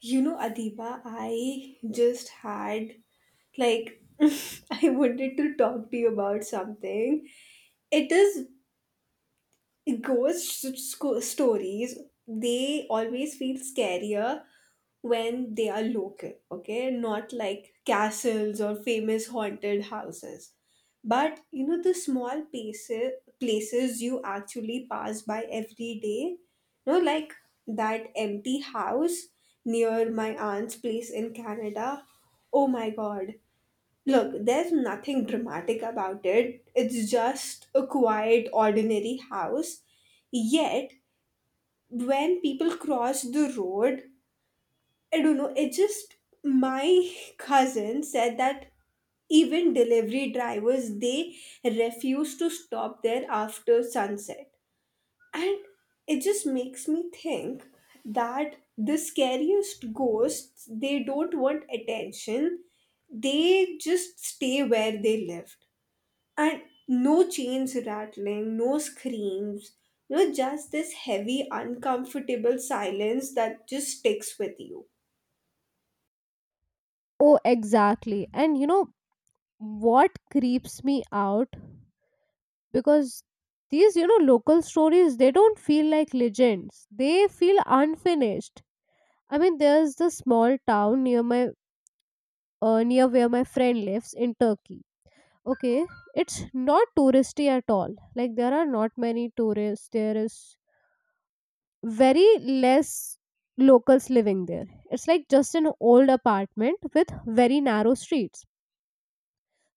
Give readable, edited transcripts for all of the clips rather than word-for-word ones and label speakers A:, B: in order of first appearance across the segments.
A: You know, Adiba, I just had like I wanted to talk to you about something. It is ghost stories. They always feel scarier when they are local. Okay, not like castles or famous haunted houses, but the small places you actually pass by every day, like that empty house near my aunt's place in Canada. Oh my god. Look, there's nothing dramatic about it. It's just a quiet, ordinary house. Yet, when people cross the road, I don't know, it just my cousin said that even delivery drivers, they refuse to stop there after sunset. And it just makes me think that the scariest ghosts, they don't want attention. They just stay where they lived, and no chains rattling, no screams, just this heavy, uncomfortable silence that just sticks with you.
B: Oh, exactly. And you know what creeps me out? Because these, you know, local stories, they don't feel like legends. They feel unfinished. I mean, there's the small town near my near where my friend lives in Turkey. Okay, it's not touristy at all. Like there are not many tourists. There is very less locals living there. It's like just an old apartment with very narrow streets.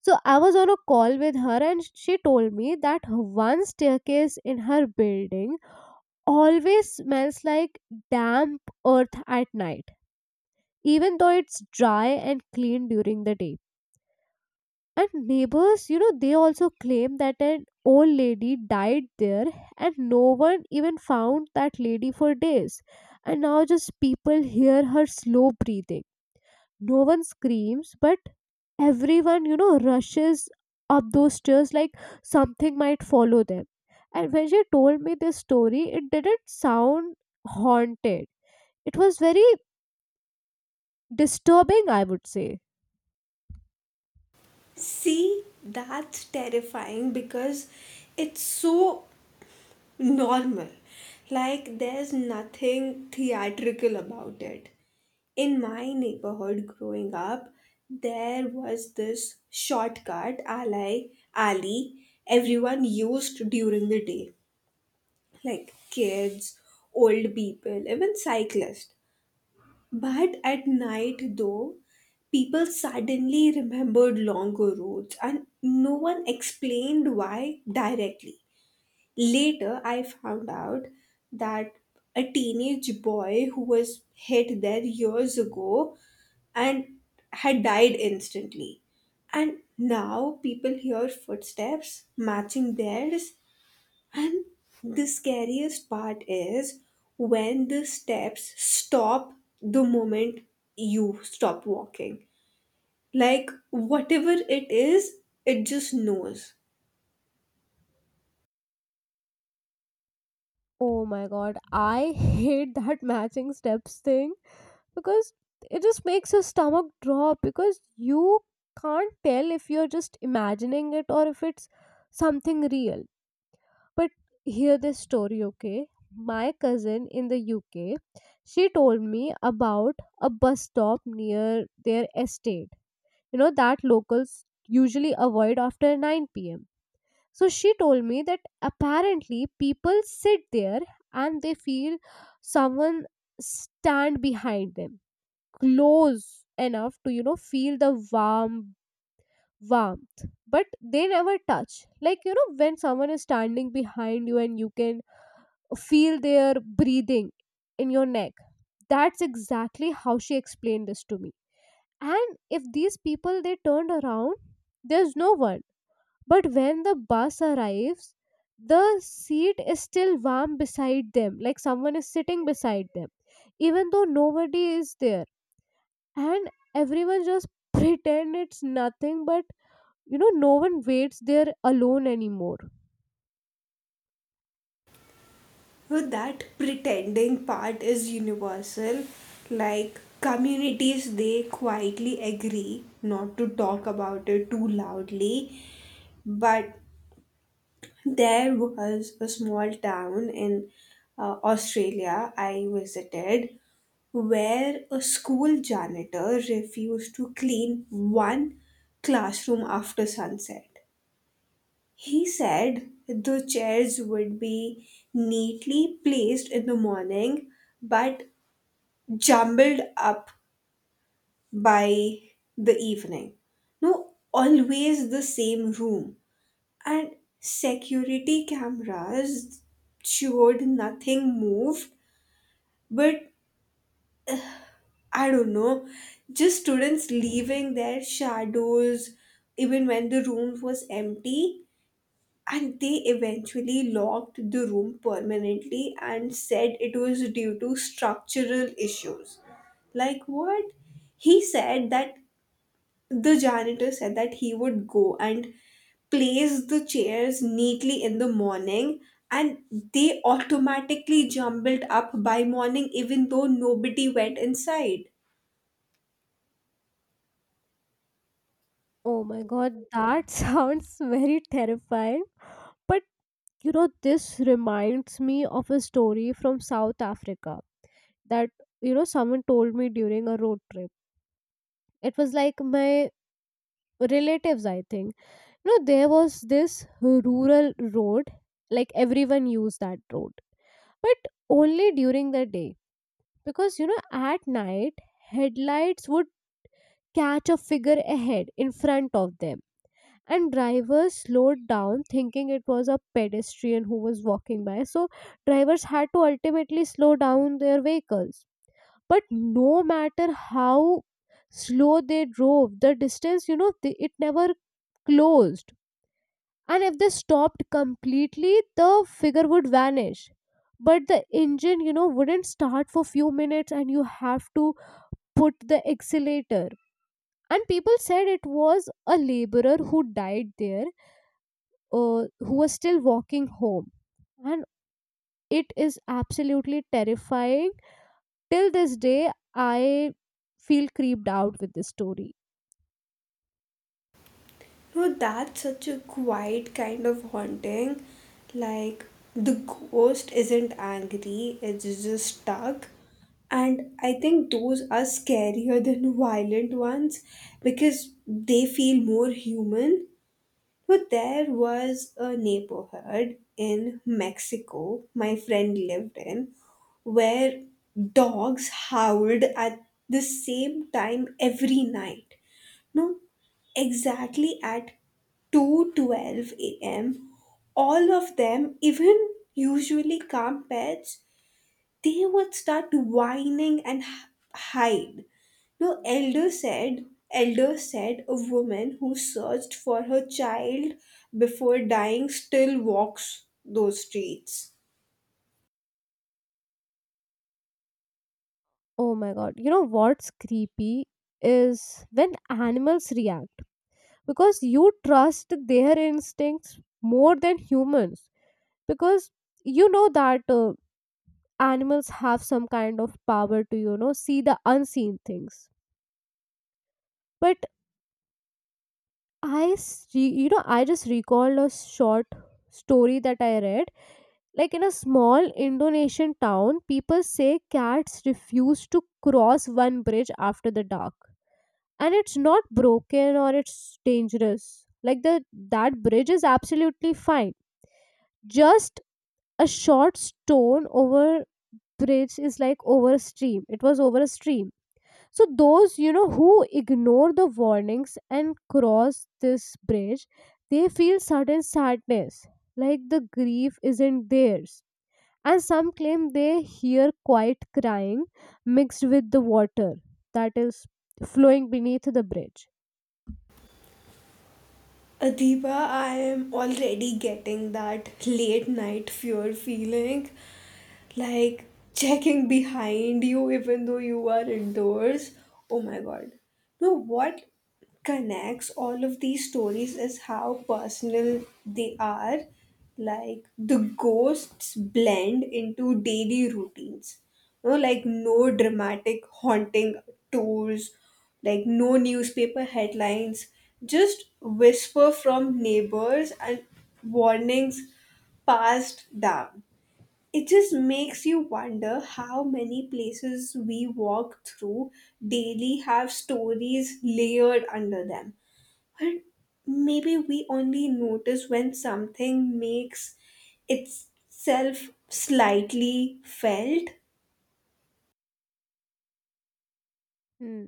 B: So I was on a call with her and she told me that one staircase in her building always smells like damp earth at night, even though it's dry and clean during the day. And neighbors, you know, they also claim that an old lady died there and no one even found that lady for days. And now just people hear her slow breathing. No one screams, but everyone, you know, rushes up those stairs like something might follow them. And when she told me this story, it didn't sound haunted. It was very disturbing, I would say.
A: See, that's terrifying because it's so normal. Like, there's nothing theatrical about it. In my neighborhood growing up, there was this shortcut alley everyone used during the day, like kids, old people, even cyclists. But at night, though, people suddenly remembered longer roads, and no one explained why directly. Later, I found out that a teenage boy who was hit there years ago and had died instantly. And now people hear footsteps matching theirs, and the scariest part is when the steps stop the moment you stop walking. Like, whatever it is, it just knows.
B: Oh my god, I hate that matching steps thing because it just makes your stomach drop because you can't tell if you're just imagining it or if it's something real. But hear this story, okay? My cousin in the UK, she told me about a bus stop near their estate, you know, that locals usually avoid after 9 pm. So she told me that apparently people sit there and they feel someone stand behind them, close enough to, you know, feel the warmth, but they never touch. Like, you know, when someone is standing behind you and you can feel their breathing in your neck. That's exactly how she explained this to me. And if these people they turned around, there's no one. But when the bus arrives, the seat is still warm beside them, like someone is sitting beside them, even though nobody is there. And everyone just pretend it's nothing, but you know, no one waits there alone anymore.
A: So, that pretending part is universal. Like, communities, they quietly agree not to talk about it too loudly, but there was a small town in Australia I visited, where a school janitor refused to clean one classroom after sunset. He said the chairs would be neatly placed in the morning, but jumbled up by the evening. No, always the same room. And security cameras showed nothing moved, but I don't know, just students leaving their shadows even when the room was empty. And they eventually locked the room permanently and said it was due to structural issues. Like what? He said that, the janitor said that, he would go and place the chairs neatly in the morning, and they automatically jumbled up by morning even though nobody went inside.
B: Oh my god, that sounds very terrifying. But you know, this reminds me of a story from South Africa that, you know, someone told me during a road trip. It was like my relatives, I think. You know, there was this rural road, like everyone used that road, but only during the day, because you know at night headlights would catch a figure ahead in front of them, and drivers slowed down thinking it was a pedestrian who was walking by. So drivers had to ultimately slow down their vehicles, but no matter how slow they drove, the distance, you know, they, it never closed. And if they stopped completely, the figure would vanish. But the engine, you know, wouldn't start for few minutes and you have to put the accelerator. And people said it was a laborer who died there, who was still walking home. And it is absolutely terrifying. Till this day I feel creeped out with this story.
A: No, that's such a quiet kind of haunting. Like, the ghost isn't angry, it's just stuck. And I think those are scarier than violent ones because they feel more human. But there was a neighborhood in Mexico my friend lived in, where dogs howled at the same time every night. No, exactly at 2:12 a.m. All of them, even usually calm pets, they would start whining and hide. No, elder said a woman who searched for her child before dying still walks those streets.
B: Oh my god, you know what's creepy is when animals react, because you trust their instincts more than humans. Because you know that animals have some kind of power to, you know, see the unseen things. But you know, I just recalled a short story that I read. Like in a small Indonesian town, people say cats refuse to cross one bridge after the dark. And it's not broken or it's dangerous. Like the that bridge is absolutely fine. Just a short stone over bridge, is like over a stream. It was over a stream. So those, you know, who ignore the warnings and cross this bridge, they feel sudden sadness. Like the grief isn't theirs. And some claim they hear quiet crying mixed with the water that is flowing beneath the bridge.
A: Adiba, I am already getting that late night fear feeling. Like, checking behind you even though you are indoors. Oh my god. No, what connects all of these stories is how personal they are. Like, the ghosts blend into daily routines. No, like no dramatic haunting tours, like no newspaper headlines, just whisper from neighbors and warnings passed down. It just makes you wonder how many places we walk through daily have stories layered under them. But maybe we only notice when something makes itself slightly felt.
B: Hmm.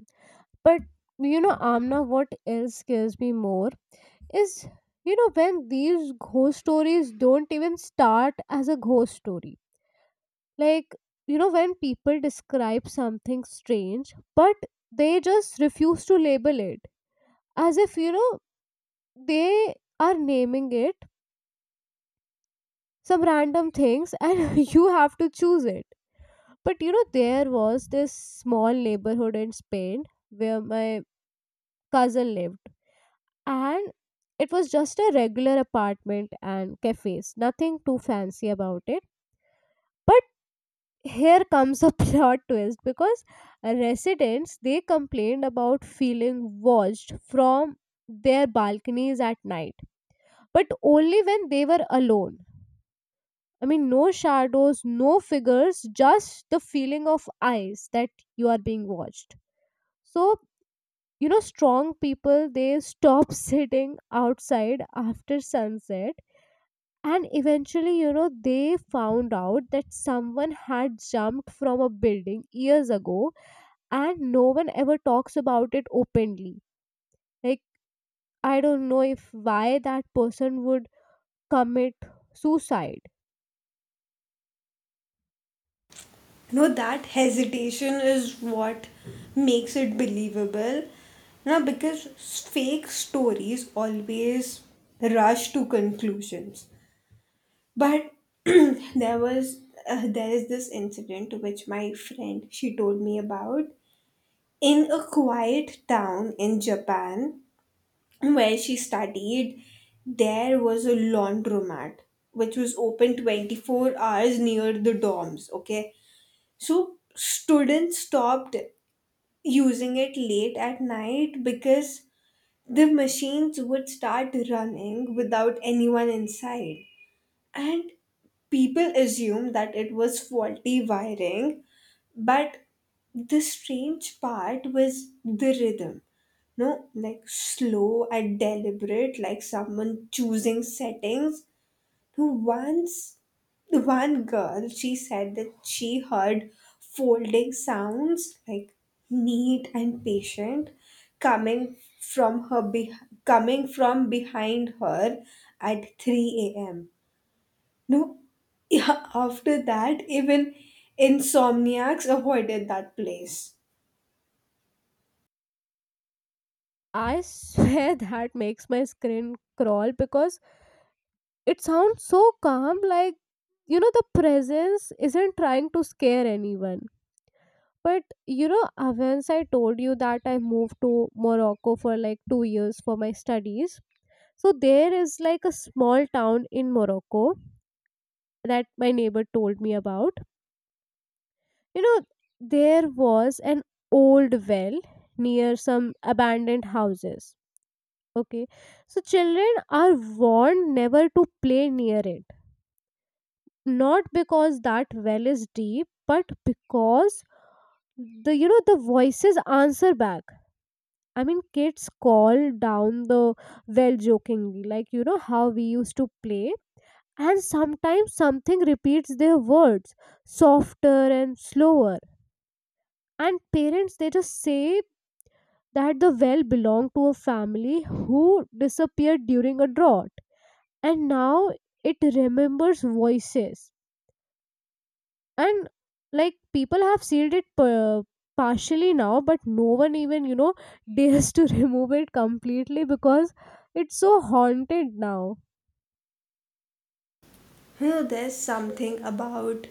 B: But you know, Amna, what else scares me more is, you know, when these ghost stories don't even start as a ghost story. Like, you know, when people describe something strange, but they just refuse to label it, as if you know they are naming it some random things and you have to choose it. But you know, there was this small neighborhood in Spain where my cousin lived, and it was just a regular apartment and cafes, nothing too fancy about it. But here comes a plot twist, because residents they complained about feeling watched from their balconies at night, but only when they were alone. I mean, no shadows, no figures, just the feeling of eyes that you are being watched. So you know strong people they stop sitting outside after sunset. And eventually, you know, they found out that someone had jumped from a building years ago and no one ever talks about it openly. Like, I don't know if why that person would commit suicide.
A: No, that hesitation is what makes it believable. Now, because fake stories always rush to conclusions. But there was there is this incident which my friend, she told me about, in a quiet town in Japan where she studied. There was a laundromat which was open 24 hours near the dorms, okay? So students stopped using it late at night because the machines would start running without anyone inside, and people assume that it was faulty wiring. But the strange part was the rhythm. No, like slow and deliberate, like someone choosing settings. Who once One girl, she said that she heard folding sounds, like neat and patient, coming from her beh coming from behind her at 3 a.m. No, yeah, after that, even insomniacs avoided that place.
B: I swear that makes my skin crawl because it sounds so calm. Like, you know, the presence isn't trying to scare anyone. But you know, once I told you that I moved to Morocco for like 2 years for my studies. So there is like a small town in Morocco that my neighbor told me about. You know, there was an old well near some abandoned houses. Okay. So children are warned never to play near it. Not because that well is deep, but because the you know the voices answer back. I mean, kids call down the well jokingly, like you know how we used to play. And sometimes something repeats their words, softer and slower. And parents, they just say that the well belonged to a family who disappeared during a drought. And now it remembers voices. And like people have sealed it partially now, but no one even, you know, dares to remove it completely because it's so haunted now.
A: You know, there's something about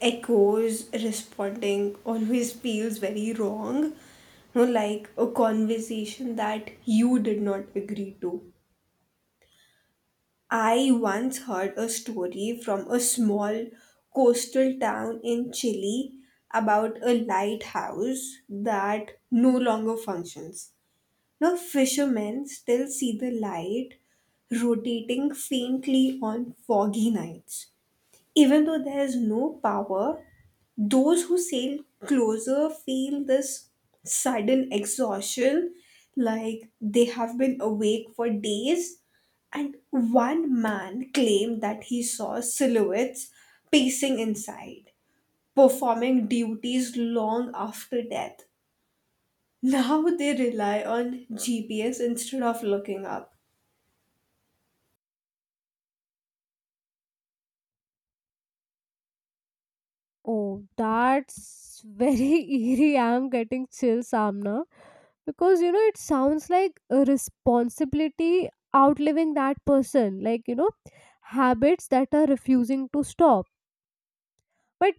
A: echoes responding, always feels very wrong. You know, like a conversation that you did not agree to. I once heard a story from a small coastal town in Chile about a lighthouse that no longer functions. Now, fishermen still see the light rotating faintly on foggy nights. Even though there is no power, those who sail closer feel this sudden exhaustion, like they have been awake for days. And one man claimed that he saw silhouettes pacing inside, performing duties long after death. Now they rely on GPS instead of looking up.
B: Oh, that's very eerie, I'm getting chills, Amna. Because you know it sounds like a responsibility outliving that person, like you know, habits that are refusing to stop. But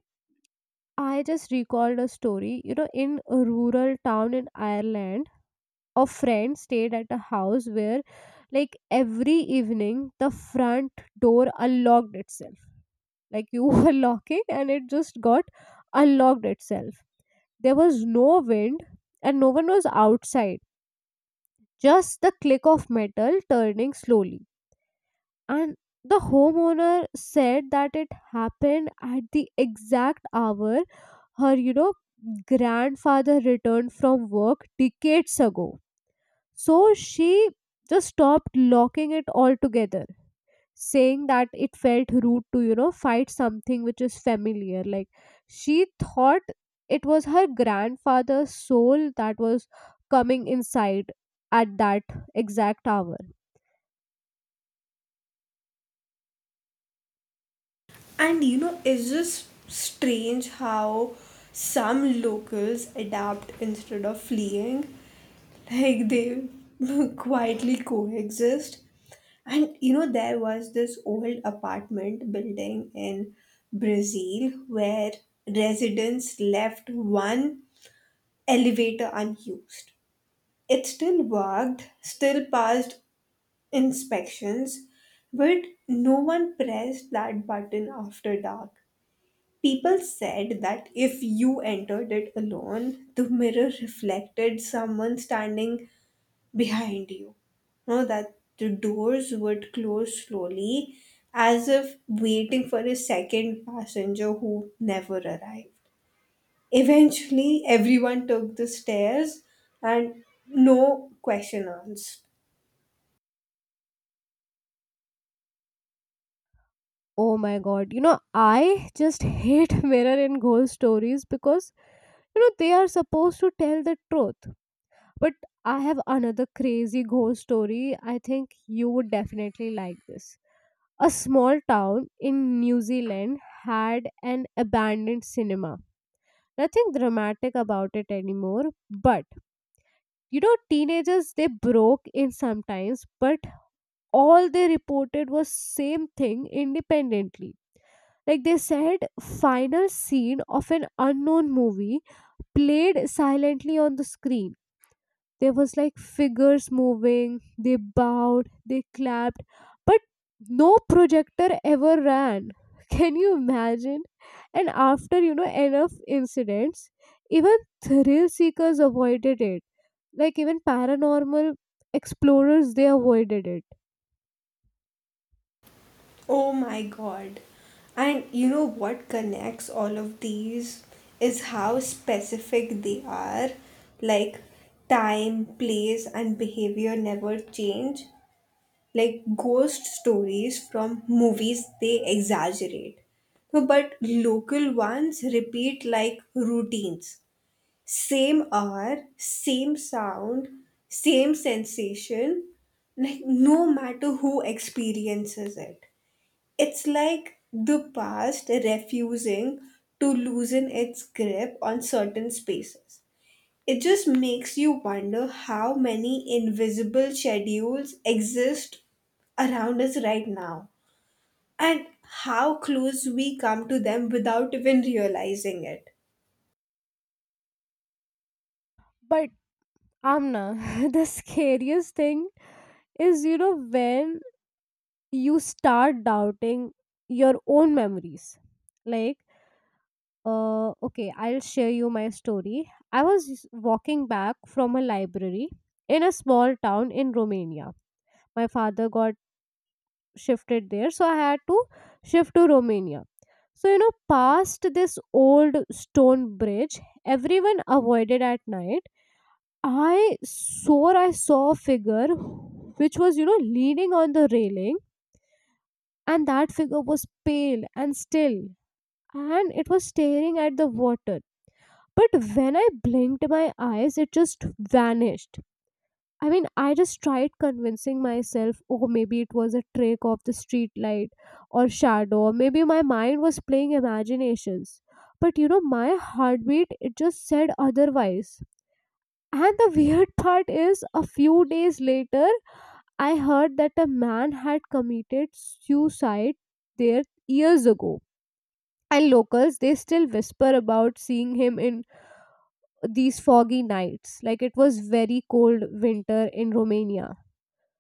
B: I just recalled a story, you know, in a rural town in Ireland. A friend stayed at a house where like every evening the front door unlocked itself. Like you were locking and it just got unlocked itself. There was no wind and no one was outside. Just the click of metal turning slowly. And the homeowner said that it happened at the exact hour her, you know, grandfather returned from work decades ago. So she just stopped locking it all together, saying that it felt rude to, you know, fight something which is familiar. Like she thought it was her grandfather's soul that was coming inside at that exact hour.
A: And it's just strange how some locals adapt instead of fleeing. Like they quietly coexist. And there was this old apartment building in Brazil where residents left one elevator unused. It still worked, still passed inspections, but no one pressed that button after dark. People said that if you entered it alone, the mirror reflected someone standing behind you. No, that the doors would close slowly, as if waiting for a second passenger who never arrived. Eventually, everyone took the stairs, and no question asked.
B: Oh my god, you know, I just hate mirror and ghost stories because, you know, they are supposed to tell the truth. But I have another crazy ghost story. I think you would definitely like this. A small town in New Zealand had an abandoned cinema. Nothing dramatic about it anymore, but you know teenagers they broke in sometimes, but all they reported was same thing independently. Like they said final scene of an unknown movie played silently on the screen. There was like figures moving, they bowed, they clapped, but no projector ever ran. Can you imagine? And after, you know, enough incidents, even thrill seekers avoided it. Like even paranormal explorers they avoided it.
A: Oh my god. And you know what connects all of these is how specific they are. Like, time, place, and behavior never change. Like, ghost stories from movies, they exaggerate. No, but local ones repeat like routines. Same hour, same sound, same sensation, like no matter who experiences it. It's like the past refusing to loosen its grip on certain spaces. It just makes you wonder how many invisible schedules exist around us right now and how close we come to them without even realizing it.
B: But Amna, the scariest thing is, you know, when you start doubting your own memories. Like okay, I'll share you my story. I was walking back from a library in a small town in Romania. My father got shifted there, so I had to shift to Romania. So, you know, past this old stone bridge, everyone avoided at night. I swore I saw a figure which was, you know, leaning on the railing, and that figure was pale and still, and it was staring at the water. But when I blinked my eyes, it just vanished. I mean, I just tried convincing myself, oh, maybe it was a trick of the street light or shadow, or maybe my mind was playing imaginations. But you know, my heartbeat, it just said otherwise. And the weird part is, a few days later, I heard that a man had committed suicide there years ago. And locals, they still whisper about seeing him in these foggy nights. Like it was very cold winter in Romania.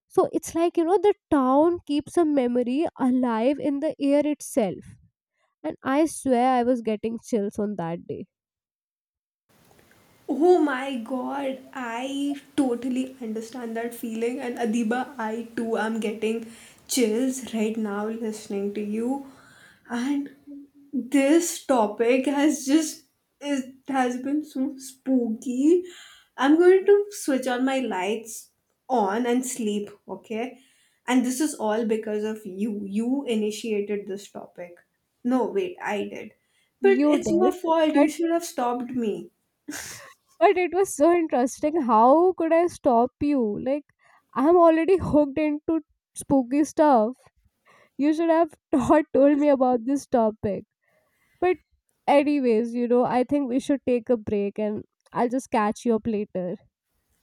B: So it's like, you know, the town keeps a memory alive in the air itself. And I swear I was getting chills on that day.
A: Oh my god, I totally understand that feeling. And Adiba, I too am getting chills right now listening to you. And this topic has just is has been so spooky. I'm going to switch on my lights on and sleep, okay? And this is all because of you. You initiated this topic. No, wait, I did. But
B: You
A: it's your
B: did.
A: fault.
B: But
A: You should have stopped me.
B: it was so interesting, how could I stop you? Like I'm already hooked into spooky stuff. You should have not told me about this topic. But anyways, you know, I think we should take a break and I'll just catch you up later.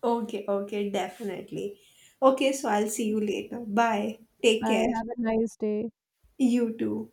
A: Okay, okay, definitely. Okay, so I'll see you later. Bye. Take
B: Bye.
A: care.
B: Have a nice day.
A: You too.